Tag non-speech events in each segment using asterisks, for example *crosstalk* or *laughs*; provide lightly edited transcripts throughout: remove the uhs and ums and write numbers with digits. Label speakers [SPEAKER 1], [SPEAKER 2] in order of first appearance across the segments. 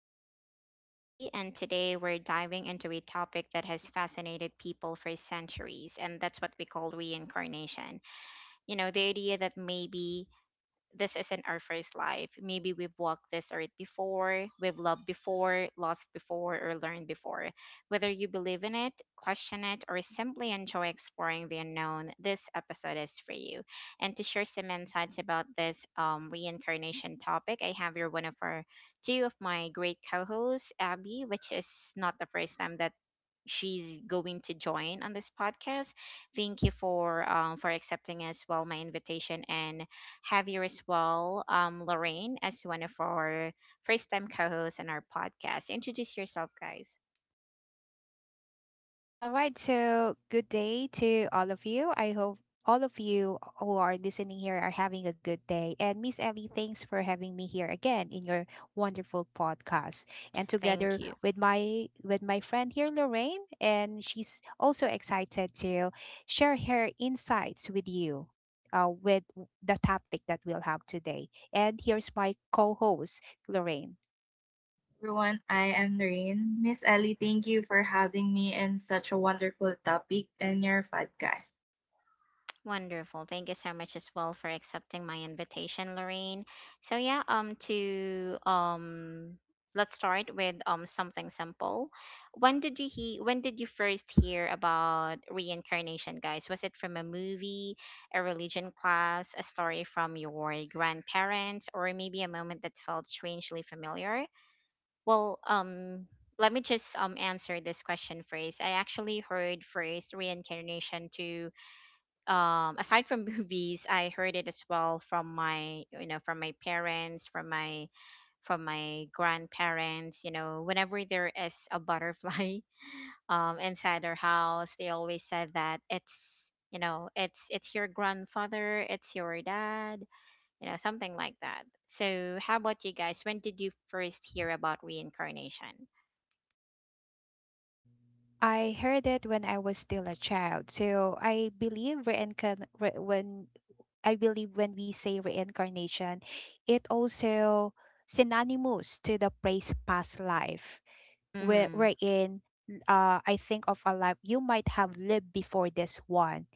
[SPEAKER 1] I'm your host, Ellie. And today we're diving into a topic that has fascinated people for centuries. And that's what we call reincarnation. You know, the idea that maybe this isn't our first life. Maybe we've walked this earth before, we've loved before, lost before, or learned before. Whether you believe in it, question it, or simply enjoy exploring the unknown, this episode is for you. And to share some insights about this reincarnation topic, I have here one of our two of my great co hosts, Abby, which is not the first time that she's going to join on this podcast. Thank you for accepting as well my invitation and have you as well, Lorraine, as one of our first time co-hosts on our podcast. Introduce yourself, guys.
[SPEAKER 2] All right, so good day to all of you. I hope all of you who are listening here are having a good day. And Miss Ellie, thanks for having me here again in your wonderful podcast. And
[SPEAKER 1] Thank
[SPEAKER 2] together
[SPEAKER 1] you.
[SPEAKER 2] with my friend here, Lorraine, and she's also excited to share her insights with you. With the topic that we'll have today. And here's my co host, Lorraine.
[SPEAKER 3] Everyone. I am Noreen. Miss Ellie, thank you for having me in such a wonderful topic in your podcast.
[SPEAKER 1] Wonderful. Thank you so much as well for accepting my invitation, Lorraine. So yeah, to let's start with something simple. When did you first hear about reincarnation, guys? Was it from a movie, a religion class, a story from your grandparents, or maybe a moment that felt strangely familiar? Well, um let me just answer this question first. I actually heard first reincarnation to aside from *laughs* movies. I heard it as well from my from my parents, from my grandparents. You know, whenever there is a butterfly *laughs* inside their house, they always said that it's, you know, it's your grandfather, it's your dad, you know, something like that. So how about you guys? When did you first hear about reincarnation?
[SPEAKER 2] I heard it when I was still a child. So I believe reincarn re- when I believe when we say reincarnation, it also synonymous to the phrase past life, where
[SPEAKER 1] Mm,
[SPEAKER 2] wherein uh, I think of a life you might have lived before this one,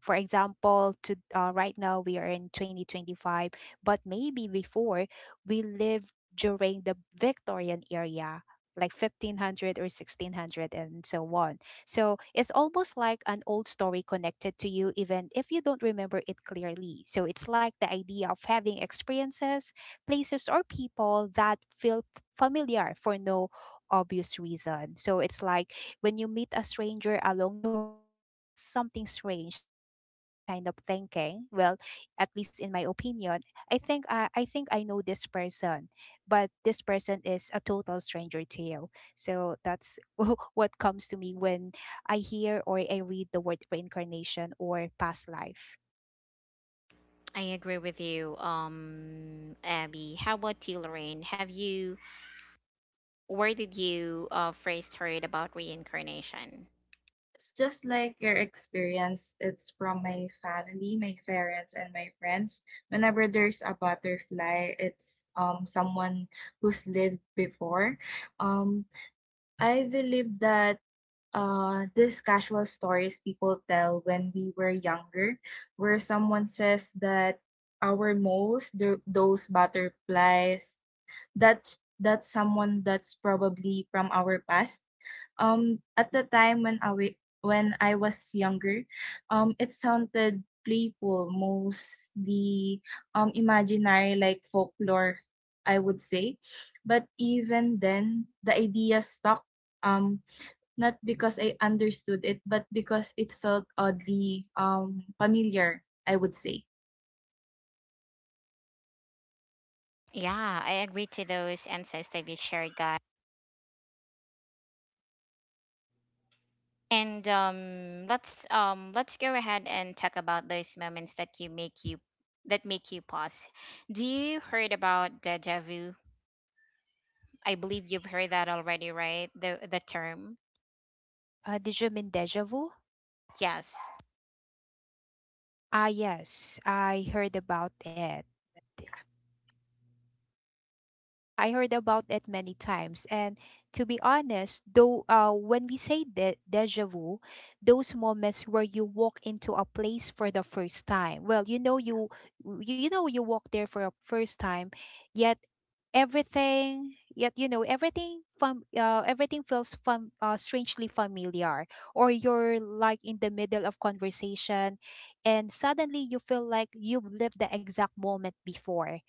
[SPEAKER 2] for example. To Right now we are in 2025, but maybe before we lived during the Victorian era, like 1500 or 1600 and so on. So it's almost like an old story connected to you even if you don't remember it clearly. So it's like the idea of having experiences, places or people that feel familiar for no obvious reason. So it's like when you meet a stranger along the way, it feels something strange. So we have this kind of thinking. Well, at least in my opinion, I think I think I know this person, but this person is a total stranger to you. So that's *laughs* what comes to me when I hear or I read the word reincarnation or past life.
[SPEAKER 1] I agree with you, Abby. How about you, Lorraine? Have you Where did you first heard about reincarnation?
[SPEAKER 3] It's just like your experience. It's from my family, my parents, and my friends. Whenever there's a butterfly, it's someone who's lived before. Um, I believe that these casual stories people tell when we were younger, where someone says that our moles, those butterflies that's someone that's probably from our past. At the time when when I was younger, it sounded playful, mostly imaginary, like folklore, I would say. But even then, the idea stuck. Um, not because I understood it, but because it felt oddly familiar, I would say.
[SPEAKER 1] Yeah, I agree to those insights that you shared, guys. And let's go ahead and talk about those moments that you make you that make you pause. Do you heard about deja vu? I believe you've heard that already, right? The term.
[SPEAKER 2] Did you mean deja vu?
[SPEAKER 1] Yes.
[SPEAKER 2] Ah, yes, I heard about it. Yeah, I heard about that many times. And to be honest, though, when we say deja vu, those moments where you walk into a place for the first time. Well, you know you walk there for a first time, yet everything yet you know everything from everything feels strangely familiar, or you're like in the middle of conversation and suddenly you feel like you've lived the exact moment before.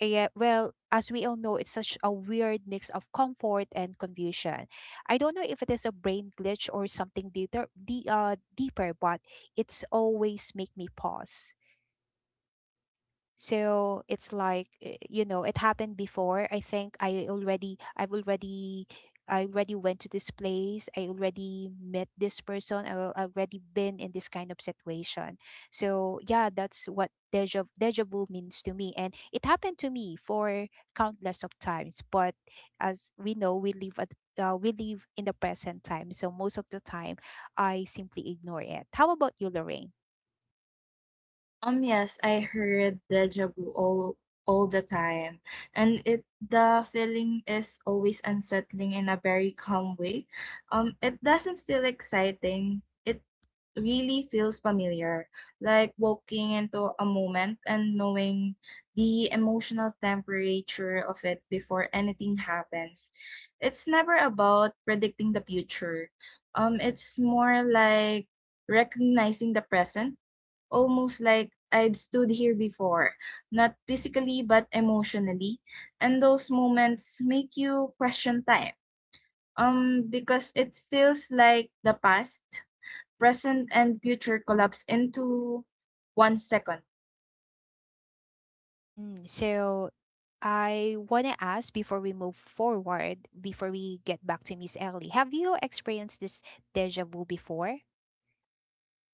[SPEAKER 2] Yeah, well, as we all know, it's such a weird mix of comfort and confusion. I don't know if it is a brain glitch or something deeper, deeper, but it's always make me pause. So it's like you know it happened before. I think I've already, I already went to this place, I already met this person, I already been in this kind of situation. So yeah, that's what deja vu means to me, and it happened to me for countless of times. But as we know, we live in the present time, so most of the time I simply ignore it. How about you, Lorraine?
[SPEAKER 3] Yes, I heard deja vu all the time, and it the feeling is always unsettling in a very calm way. It doesn't feel exciting. It really feels familiar, like walking into a moment and knowing the emotional temperature of it before anything happens. It's never about predicting the future. It's more like recognizing the present, almost like I've stood here before, not physically but emotionally. And those moments make you question time. Because it feels like the past, present, and future collapse into one second.
[SPEAKER 2] Mm, so I want to ask, before we move forward, before we get back to Miss Ellie, have you experienced this deja vu before?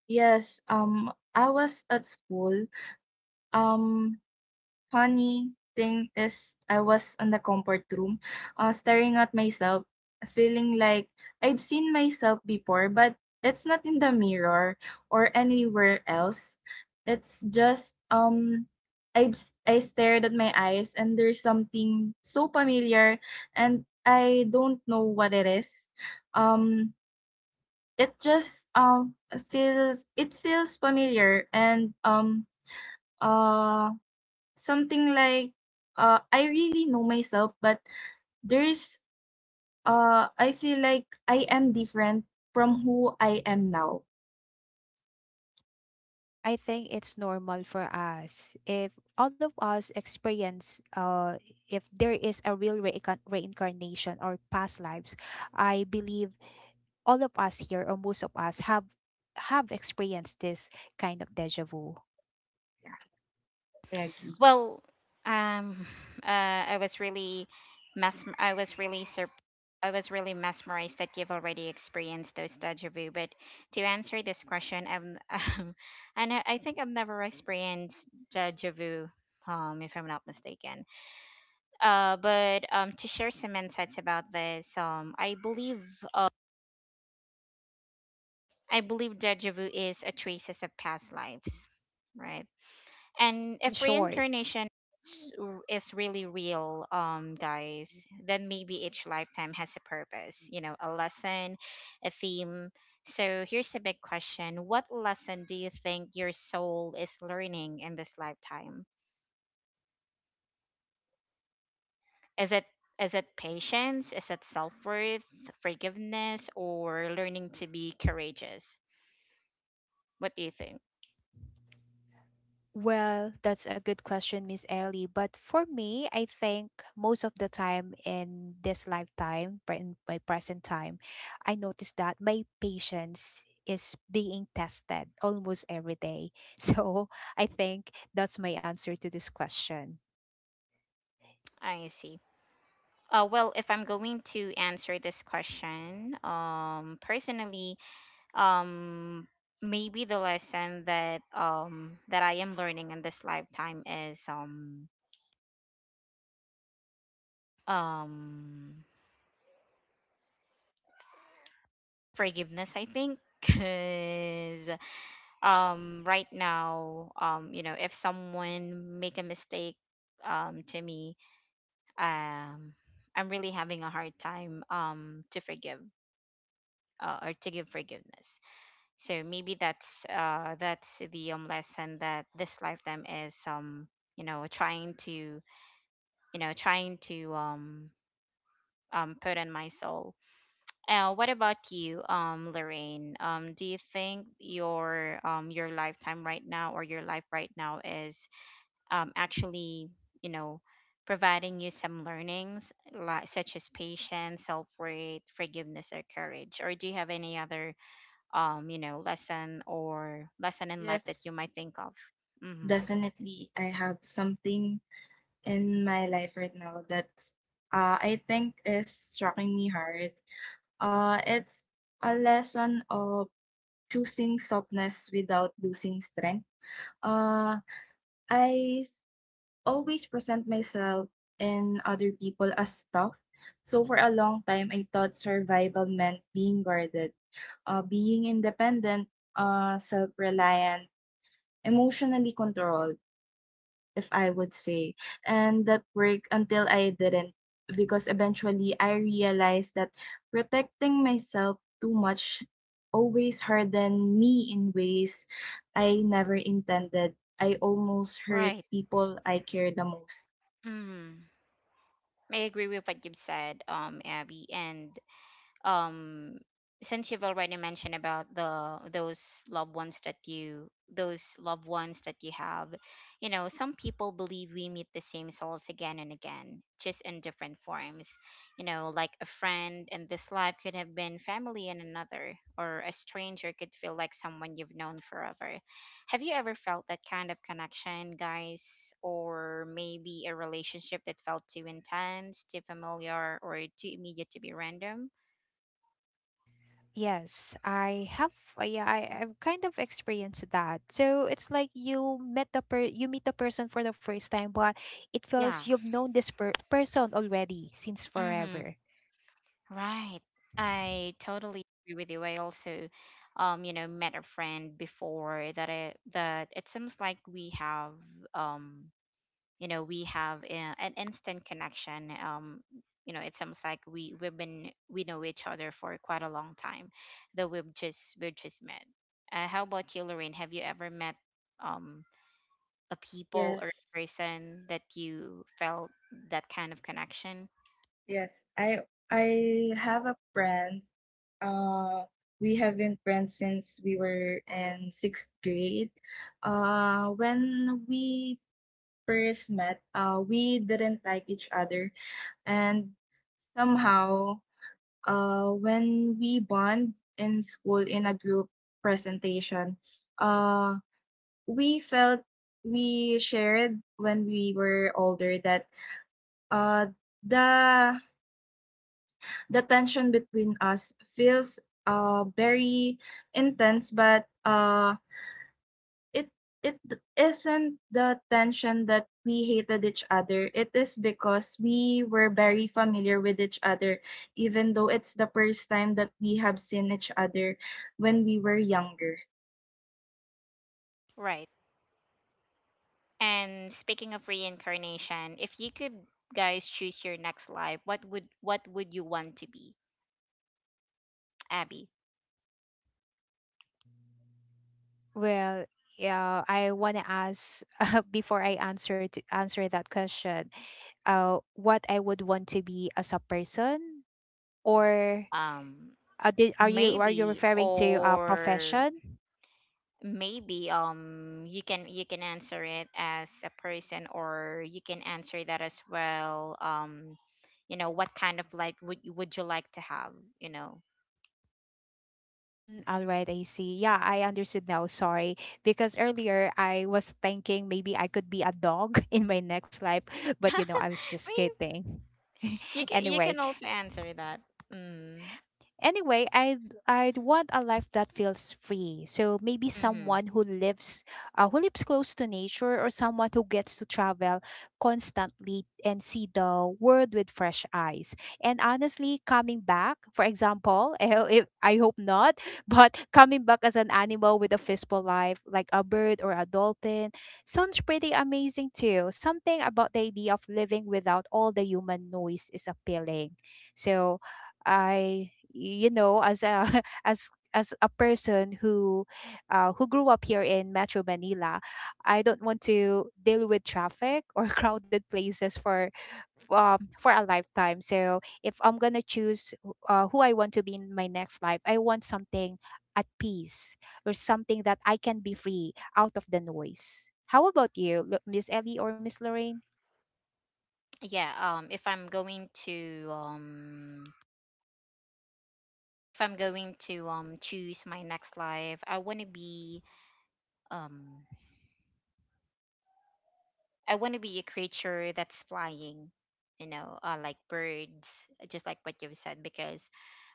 [SPEAKER 3] Yes, I was at school. Um, funny thing is I was in the comfort room, staring at myself, feeling like I've seen myself before, but it's not in the mirror or anywhere else. It's just um I I stared at my eyes and there's something so familiar and I don't know what it is. Um it just feels, it feels familiar and uh, something like I really know myself, but there's I feel like I am different from who I am now.
[SPEAKER 2] I think it's normal for us. If all of us experience, if there is a real reincarnation or past lives, I believe all of us here or most of us have experienced this kind of deja vu.
[SPEAKER 3] Yeah, I agree.
[SPEAKER 1] Well, um, *sighs* I was really mess. I was really surprised I was really mesmerized that you've already experienced those deja vu. But to answer this question, I'm, *laughs* and I think I've never experienced deja vu, if I'm not mistaken. But to share some insights about this, uh, I believe deja vu is a traces of past lives, right? And
[SPEAKER 2] In
[SPEAKER 1] if
[SPEAKER 2] short.
[SPEAKER 1] reincarnation is really real, guys, then maybe each lifetime has a purpose, you know, a lesson, a theme. So here's a big question. What lesson do you think your soul is learning in this lifetime? Is it is it patience? Is it self-worth, forgiveness, or learning to be courageous? What do you think?
[SPEAKER 2] Well, that's a good question, Miss Ellie. But for me, I think most of the time in this lifetime, in my present time, I notice that my patience is being tested almost every day. *laughs* So I think that's my answer to this question.
[SPEAKER 1] I see. Well, if I'm going to answer this question, personally, um maybe the lesson that I am learning in this lifetime is um forgiveness, I think. *laughs* Cuz right now, you know, if someone make a mistake to me, um I'm really having a hard time to forgive or to give forgiveness. So maybe that's the lesson that this lifetime is you know, trying to, you know, trying to put in my soul. What about you, Lorraine? Do you think your lifetime right now or your life right now is actually, you know, providing you some learnings like such as patience, self worth, forgiveness or courage? Or do you have any other you know, lesson in life that you
[SPEAKER 3] Yes.
[SPEAKER 1] might think of? Mm-hmm.
[SPEAKER 3] Definitely I have something in my life right now that I think is striking me hard. It's a lesson of choosing softness without losing strength. Uh, I s- always present myself and other people as tough. So for a long time, I thought survival meant being guarded, being independent, self-reliant, emotionally controlled, if I would say. And that worked until I didn't, because eventually I realized that protecting myself too much always hardened me in ways I never intended. I almost hurt
[SPEAKER 1] Right.
[SPEAKER 3] people I care the most.
[SPEAKER 1] Mm, I agree with what you've said, Abby. And um since you've already mentioned about the those loved ones that you those loved ones that you have you know, some people believe we meet the same souls again and again, just in different forms. You know, like a friend in this life could have been family in another, or a stranger could feel like someone you've known forever. Have you ever felt that kind of connection, guys? Or maybe a relationship that felt too intense, too familiar, or too immediate to be random?
[SPEAKER 2] Yes, I have. Yeah, I've kind of experienced that. So it's like you meet the person for the first time, but it
[SPEAKER 1] Yeah.
[SPEAKER 2] feels you've known this per person already since
[SPEAKER 1] Mm-hmm.
[SPEAKER 2] forever.
[SPEAKER 1] Right. I totally agree with you. I also, you know, met a friend before that I that it seems like we have um, you know, we have an instant connection. You know, it seems like we we've been we know each other for quite a long time, though we've just met. How about you, Lorraine? Have you ever met um a people or a
[SPEAKER 3] Yes.
[SPEAKER 1] person that you felt that kind of connection?
[SPEAKER 3] Yes, I have a friend. Uh, we have been friends since we were in sixth grade. When we first met, we didn't like each other. And somehow, when we bond in school in a group presentation, uh, we felt, we shared when we were older that uh, the the tension between us feels very intense, but it it isn't the tension that we hated each other. It is because we were very familiar with each other, even though it's the first time that we have seen each other when we were younger.
[SPEAKER 1] Right. And speaking of reincarnation, if you could, guys, choose your next life, what would you want to be, Abby?
[SPEAKER 2] Well, yeah, I wanna ask *laughs* before I answer to answer that question. What I would want to be as a person, or
[SPEAKER 1] Um,
[SPEAKER 2] are you
[SPEAKER 1] Maybe,
[SPEAKER 2] referring to a
[SPEAKER 1] or
[SPEAKER 2] profession?
[SPEAKER 1] maybe you can answer it as a person or you can answer that as well. You know, what kind of life would you like to have, you know?
[SPEAKER 2] Mm, all right, I see. Yeah, I understood now. Sorry. Because earlier I was thinking maybe I could be a dog *laughs* in my next life,
[SPEAKER 1] *laughs*
[SPEAKER 2] but you
[SPEAKER 1] I
[SPEAKER 2] know, I was just
[SPEAKER 1] mean,
[SPEAKER 2] kidding. *laughs*
[SPEAKER 1] you
[SPEAKER 2] anyway,
[SPEAKER 1] can also answer that. Mm.
[SPEAKER 2] anyway, I'd want a life that feels free. So maybe
[SPEAKER 1] Mm-hmm.
[SPEAKER 2] someone who lives, who lives close to nature, or someone who gets to travel constantly and see the world with fresh eyes. And honestly, coming back, for example, *laughs* I, ho- if, I hope not, *laughs* but coming back as an animal with a physical life like a bird or a dolphin sounds pretty amazing too. Something about the idea of living without all the human noise is appealing. So I, you know, as a *laughs* as a person who, who grew up here in Metro Manila, I don't want to deal with traffic or *laughs* crowded places for a lifetime. So if I'm gonna choose, who I want to be in my next life, I want something at peace, or something that I can be free out of the noise. How about you, Miss Ellie or Miss Lorraine?
[SPEAKER 1] Yeah, if I'm going to if I'm going to choose my next life, I want to be um I want to be a creature that's flying, you know, like birds. Just like what you've said, because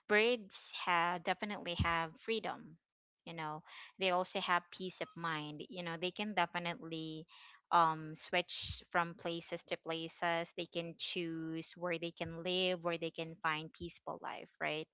[SPEAKER 1] birds have definitely have freedom, you know. They also have peace of mind. You know, they can definitely switch from places to places. They can choose where they can live, where they can find peaceful life, right?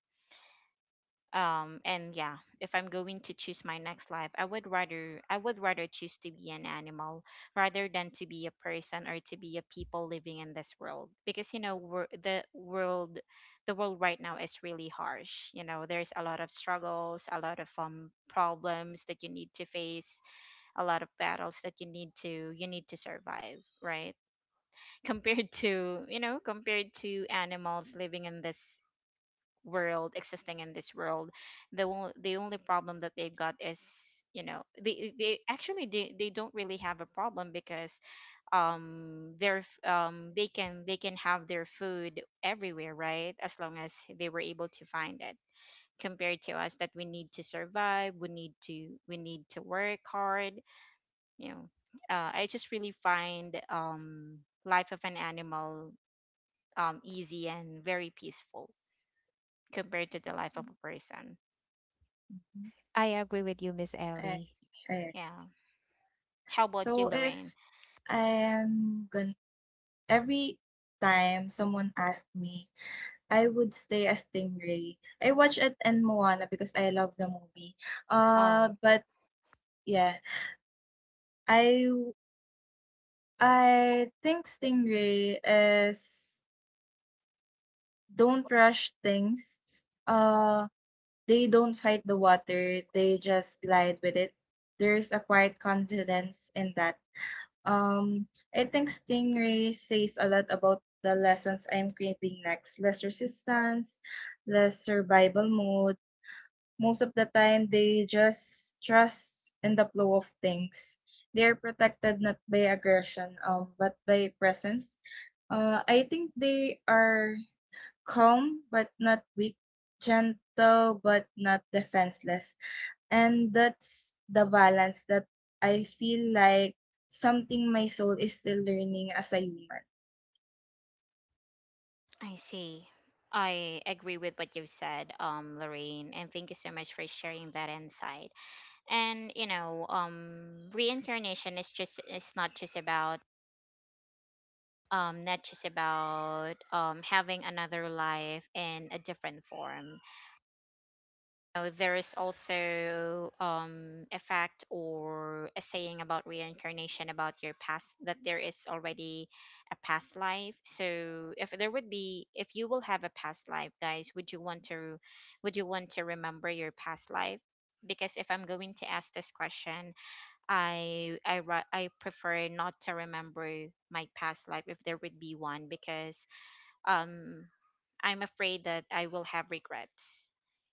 [SPEAKER 1] and yeah, if I'm going to choose my next life, I would rather choose to be an animal rather than to be a person or to be a people living in this world. Because, you know, the world right now is really harsh. You know, there's a lot of struggles, a lot of problems that you need to face, a lot of battles that you need to survive, right? *laughs* Compared to, you know, compared to animals living in this world, existing in this world, the only problem that they've got is, you know, they actually they don't really have a problem. Because their they can have their food everywhere, right? As long as they were able to find it. Compared to us that we need to survive, we need to work hard. You know, I just really find life of an animal easy and very peaceful, compared to the life of a person.
[SPEAKER 3] Mhm.
[SPEAKER 2] I agree with you, Miss
[SPEAKER 3] Correct,
[SPEAKER 2] Ellie.
[SPEAKER 3] correct.
[SPEAKER 1] Yeah. How about you,
[SPEAKER 3] So if
[SPEAKER 1] Lorraine?
[SPEAKER 3] I'm gonna every time someone asked me, I would stay as Stingray. I watch it in Moana because I love the movie. Uh,
[SPEAKER 1] Um,
[SPEAKER 3] but yeah, I I think Stingray is, don't rush things. Uh, they don't fight the water. They just glide with it. There's a quiet confidence in that. Um, I think Stingray says a lot about the lessons I'm craving next. Less resistance, less survival mode, most of the time they just trust in the flow of things. They are protected not by aggression, but by presence. I think they are calm but not weak, gentle but not defenseless. And that's the balance that I feel like something my soul is still learning as a human.
[SPEAKER 1] I see. I agree with what you've said, Lorraine, and thank you so much for sharing that insight. And you know, reincarnation is just it's not just about having another life in a different form. Know, there is also a fact or a saying about reincarnation about your past that there is already a past life. So if there would be, if you will have a past life, guys, would you want to remember your past life? Because if I'm going to ask this question, I prefer not to remember my past life if there would be one. Because um I'm afraid that I will have regrets.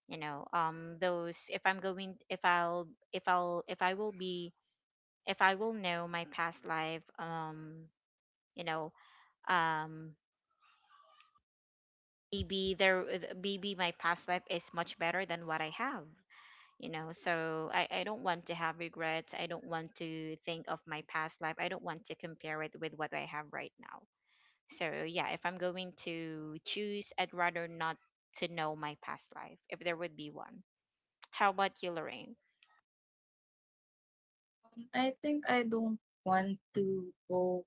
[SPEAKER 1] You know, those if I will be, if I will know my past life, you know, um maybe there, maybe my past life is much better than what I have. You know, so I don't want to have regrets. I don't want to think of my past life. I don't want to compare it with what I have right now. So yeah, if I'm going to choose, I'd rather not to know my past life if there would be one. How about you, Lorraine?
[SPEAKER 3] I think I don't want to go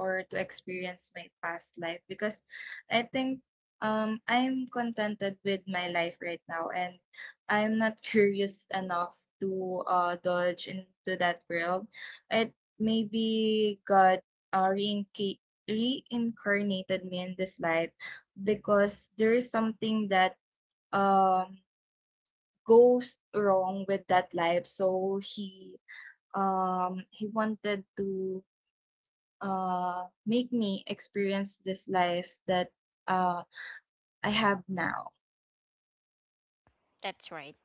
[SPEAKER 3] or to experience my past life because I think I'm contented with my life right now, and I'm not *laughs* curious enough to dodge into that world. It maybe God uh, reinca- reincarnated me in this life because there is something that um, goes wrong with that life. So he wanted to make me experience this life that uh, I have now.
[SPEAKER 1] That's right.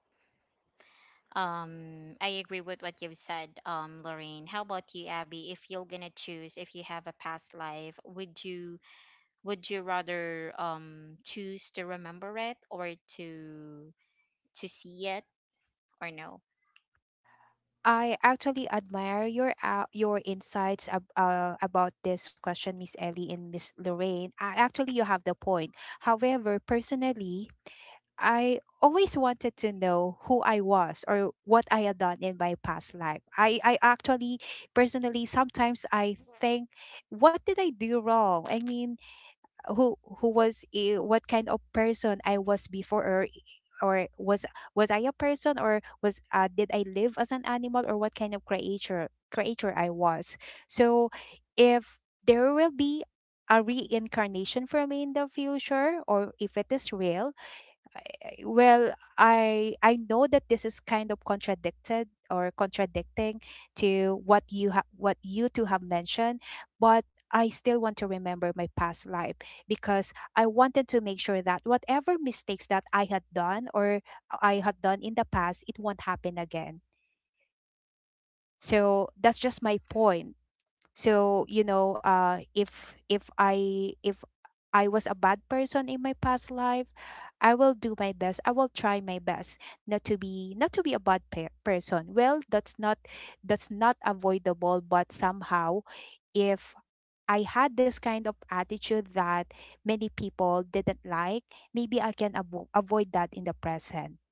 [SPEAKER 1] I agree with what you've said, Lorraine. How about you, Abby? If you're gonna choose, if you have a past life, would you rather choose to remember it, or to see it, or no?
[SPEAKER 2] I actually admire your insights about this question, Miss Ellie and Miss Lorraine. Actually, you have the point. However, personally, I always wanted to know who I was or what I had done in my past life. I actually, personally, sometimes I think, what did I do wrong? I mean, who what kind of person I was before, or or was was I a person, or was did I live as an animal, or what kind of creature I was. So if there will be a reincarnation for me in the future, or if it is real, well, I know that this is kind of contradicted or contradicting to what you have, what you two have mentioned, but I still want to remember my past life, because I wanted to make sure that whatever mistakes that I had done in the past, it won't happen again. So that's just my point. So, you know, if I was a bad person in my past life, I will do my best. I will try my best not to be a person. Well, that's not, that's not avoidable, but somehow if I had this kind of attitude that many people didn't like, maybe I can avoid that in the present.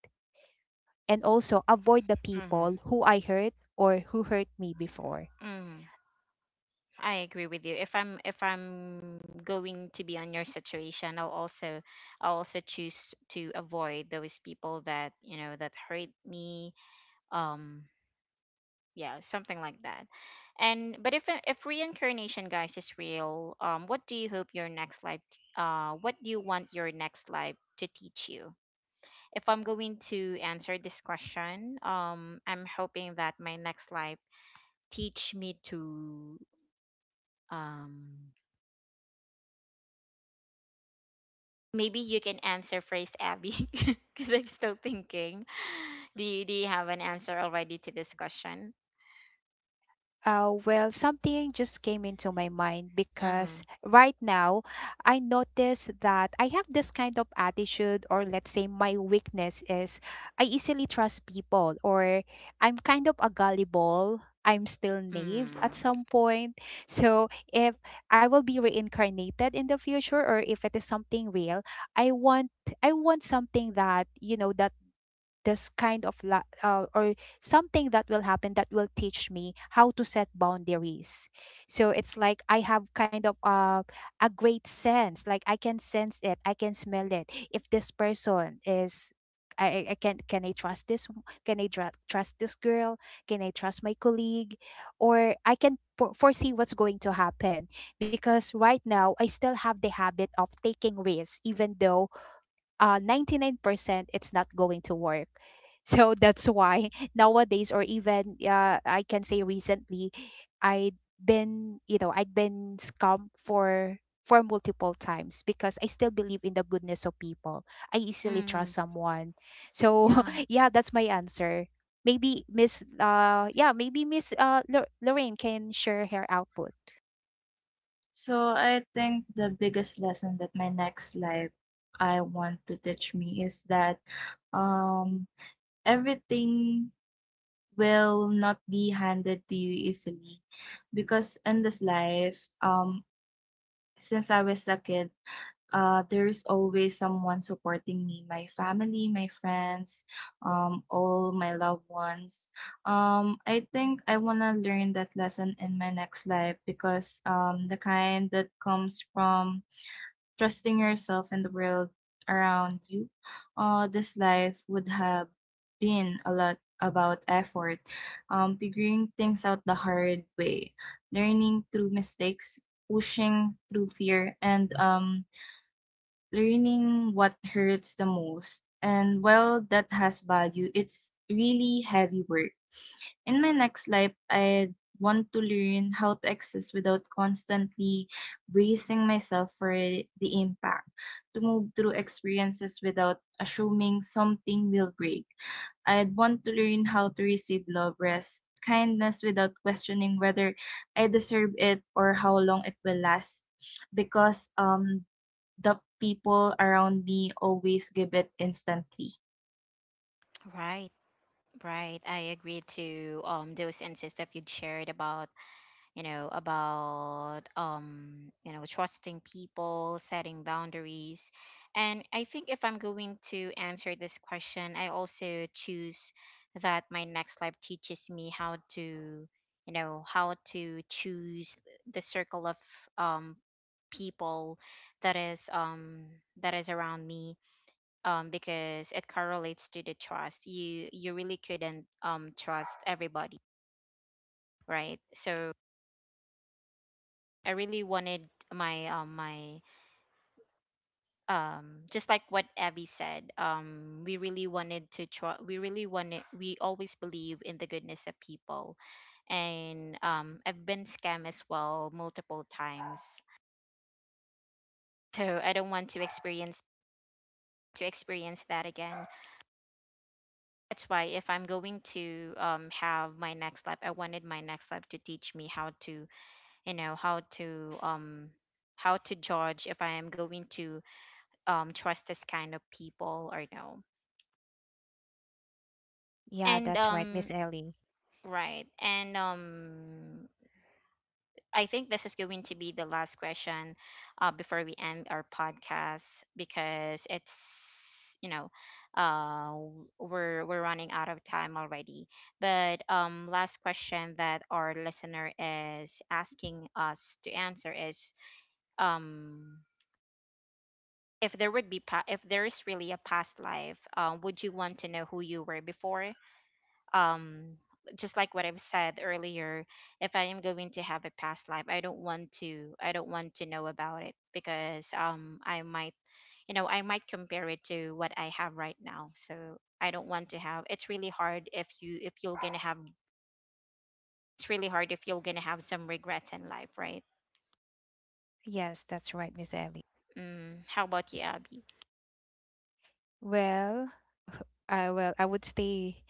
[SPEAKER 2] And also avoid the people who I hurt or who hurt me before.
[SPEAKER 1] Mm-hmm. I agree with you. If I'm going to be on your situation, I'll also choose to avoid those people that, you know, that hurt me. Um, yeah, something like that. And but if reincarnation, guys, is real, what do you hope your next life what do you want your next life to teach you? If I'm going to answer this question, I'm hoping that my next life teach me to um maybe you can answer first, Abby, *laughs* because I'm still thinking. Do you have an answer already to this question?
[SPEAKER 2] Well, something just came into my mind because
[SPEAKER 1] Mm.
[SPEAKER 2] right now I notice that I have this kind of attitude, or let's say my weakness is I easily trust people, or I'm kind of a gullible. I'm still naive
[SPEAKER 1] Mm.
[SPEAKER 2] at some point. So, if I will be reincarnated in the future, or if it is something real, I want I want something that, you know, that this kind of or something that will happen that will teach me how to set boundaries. So it's like I have kind of, a great sense, like I can sense it, I can smell it. If this person is, I can I trust this can I trust this girl, can I trust my colleague, or I can foresee what's going to happen, because right now I still have the habit of taking risks even though, 99% it's not going to work. So that's why *laughs* nowadays, or even I can say recently, I'd I'd been scammed for multiple times, because I still believe in the goodness of people. I easily trust
[SPEAKER 1] Mm.
[SPEAKER 2] someone. So
[SPEAKER 1] Yeah.
[SPEAKER 2] *laughs* yeah, that's my answer. Maybe Miss, yeah, maybe Miss Lor- Lorraine can share her output.
[SPEAKER 3] So I think the biggest lesson that my next life, I want to teach me, is that um, everything will not be handed to you easily, because in this life since I was a kid, there's always someone supporting me, my family, my friends, all my loved ones. I think I want to learn that lesson in my next life because the kind that comes from trusting yourself and the world around you, this life would have been a lot about effort, figuring things out the hard way, learning through mistakes, pushing through fear, and learning what hurts the most. And while that has value, it's really heavy work. In my next life, I want to learn how to exist without constantly bracing myself for the impact, to move through experiences without assuming something will break. I'd want to learn how to receive love, rest, kindness without questioning whether I deserve it or how long it will last, because the people around me always give it instantly.
[SPEAKER 1] Right. Right. I agree to those insights that you shared about, you know, about you know, trusting people, setting boundaries. And I think if I'm going to answer this question, I also choose that my next life teaches me how to, you know, how to choose the circle of um people that is um that is around me. Because it correlates to the trust. You really couldn't trust everybody, right? So I really wanted my just like what Abby said, we really wanted to try. We really wanted, we always believe in the goodness of people. And I've been scammed as well multiple times. So I don't want to experience that again. That's why if I'm going to have my next life, I wanted my next life to teach me how to, you know, how to judge if I am going to trust this kind of people or no.
[SPEAKER 2] Yeah,
[SPEAKER 1] And
[SPEAKER 2] that's right, Miss Ellie.
[SPEAKER 1] right, and I think this is going to be the last question before we end our podcast. Because it's, you know, we're running out of time already. But last question that our listener is asking us to answer is, um if there would be if there is really a past life, would you want to know who you were before? um just like what I've said earlier, if I am going to have a past life, I don't want to know about it. Because I might, you know, I might compare it to what I have right now. So I don't want to have, it's really hard if you if you're gonna have, it's really hard if you're gonna have some regrets in life, right?
[SPEAKER 2] Yes, that's right, Miss Ellie.
[SPEAKER 1] Mm, how about you, Abby? *laughs*
[SPEAKER 2] Well, well,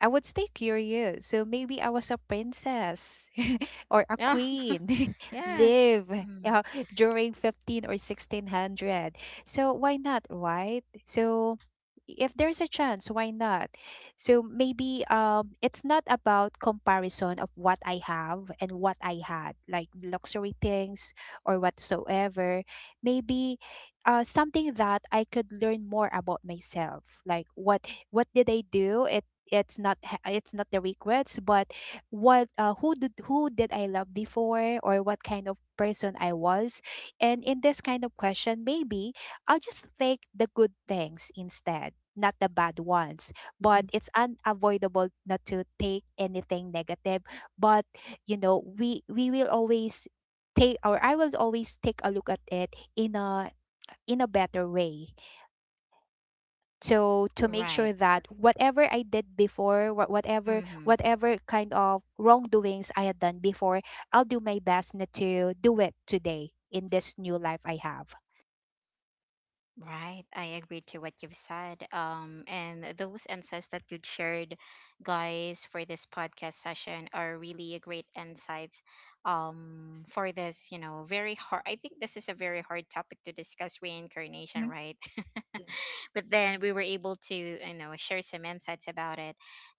[SPEAKER 2] I would stay curious. So maybe I was a princess *laughs* or a
[SPEAKER 1] Yeah.
[SPEAKER 2] queen, *laughs*
[SPEAKER 1] Yes.
[SPEAKER 2] live
[SPEAKER 1] Mm,
[SPEAKER 2] uh, during 15 or 1600. So why not, right? So if there's a chance, why not? So maybe it's not about comparison of what I have and what I had, like luxury things or whatsoever. Maybe something that I could learn more about myself. Like what did I do? It's not ha- it's not the regrets, but what, who did, who did I love before, or what kind of person I was. And in this kind of question, maybe I'll just take the good things instead, not the bad ones, but
[SPEAKER 3] Mhm.
[SPEAKER 2] it's unavoidable not to take anything negative. But you know, we will always take, or I will always take a look at it in a, in a better way, so to make
[SPEAKER 1] right.
[SPEAKER 2] sure that whatever I did before,
[SPEAKER 1] Mm-hmm.
[SPEAKER 2] whatever kind of wrongdoings I had done before, I'll do my best not to do it today in this new life I have.
[SPEAKER 1] Right, I agree to what you've said. And those insights that you shared, guys, for this podcast session are really a great insights. For this, you know, very hard. I think this is a very hard topic to discuss reincarnation,
[SPEAKER 3] Mhm.
[SPEAKER 1] right? *laughs*
[SPEAKER 3] Yes.
[SPEAKER 1] But then we were able to, you know, share some insights about it.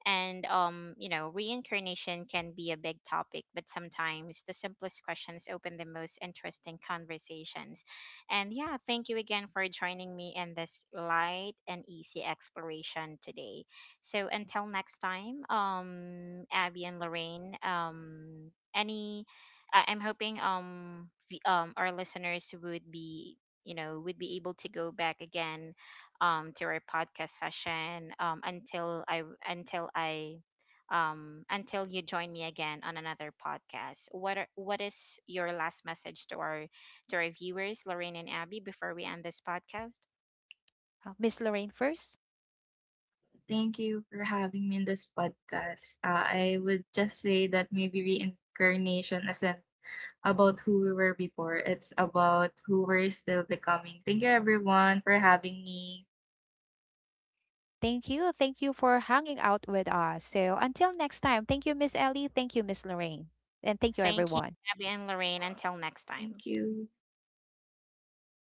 [SPEAKER 1] And you know, reincarnation can be a big topic, but sometimes the simplest questions open the most interesting conversations. And yeah, thank you again for joining me in this light and easy exploration today. So until next time, Abby and Lorraine, I'm hoping our listeners would be, you know, would be able to go back again, to our podcast session until I until I until you join me again on another podcast. What is your last message to our viewers, Lorraine and Abby, before we end this podcast?
[SPEAKER 2] Miss Lorraine first.
[SPEAKER 3] Thank you for having me in this podcast. I would just say that maybe reincarnation isn't about who we were before, it's about who we're still becoming. Thank you, everyone, for having me.
[SPEAKER 2] Thank you, thank you for hanging out with us. So until next time, thank you Miss Ellie, thank you Miss Lorraine, and thank you
[SPEAKER 1] Thank you,
[SPEAKER 2] everyone.
[SPEAKER 1] Abby and Lorraine. Until next time.
[SPEAKER 3] Thank you.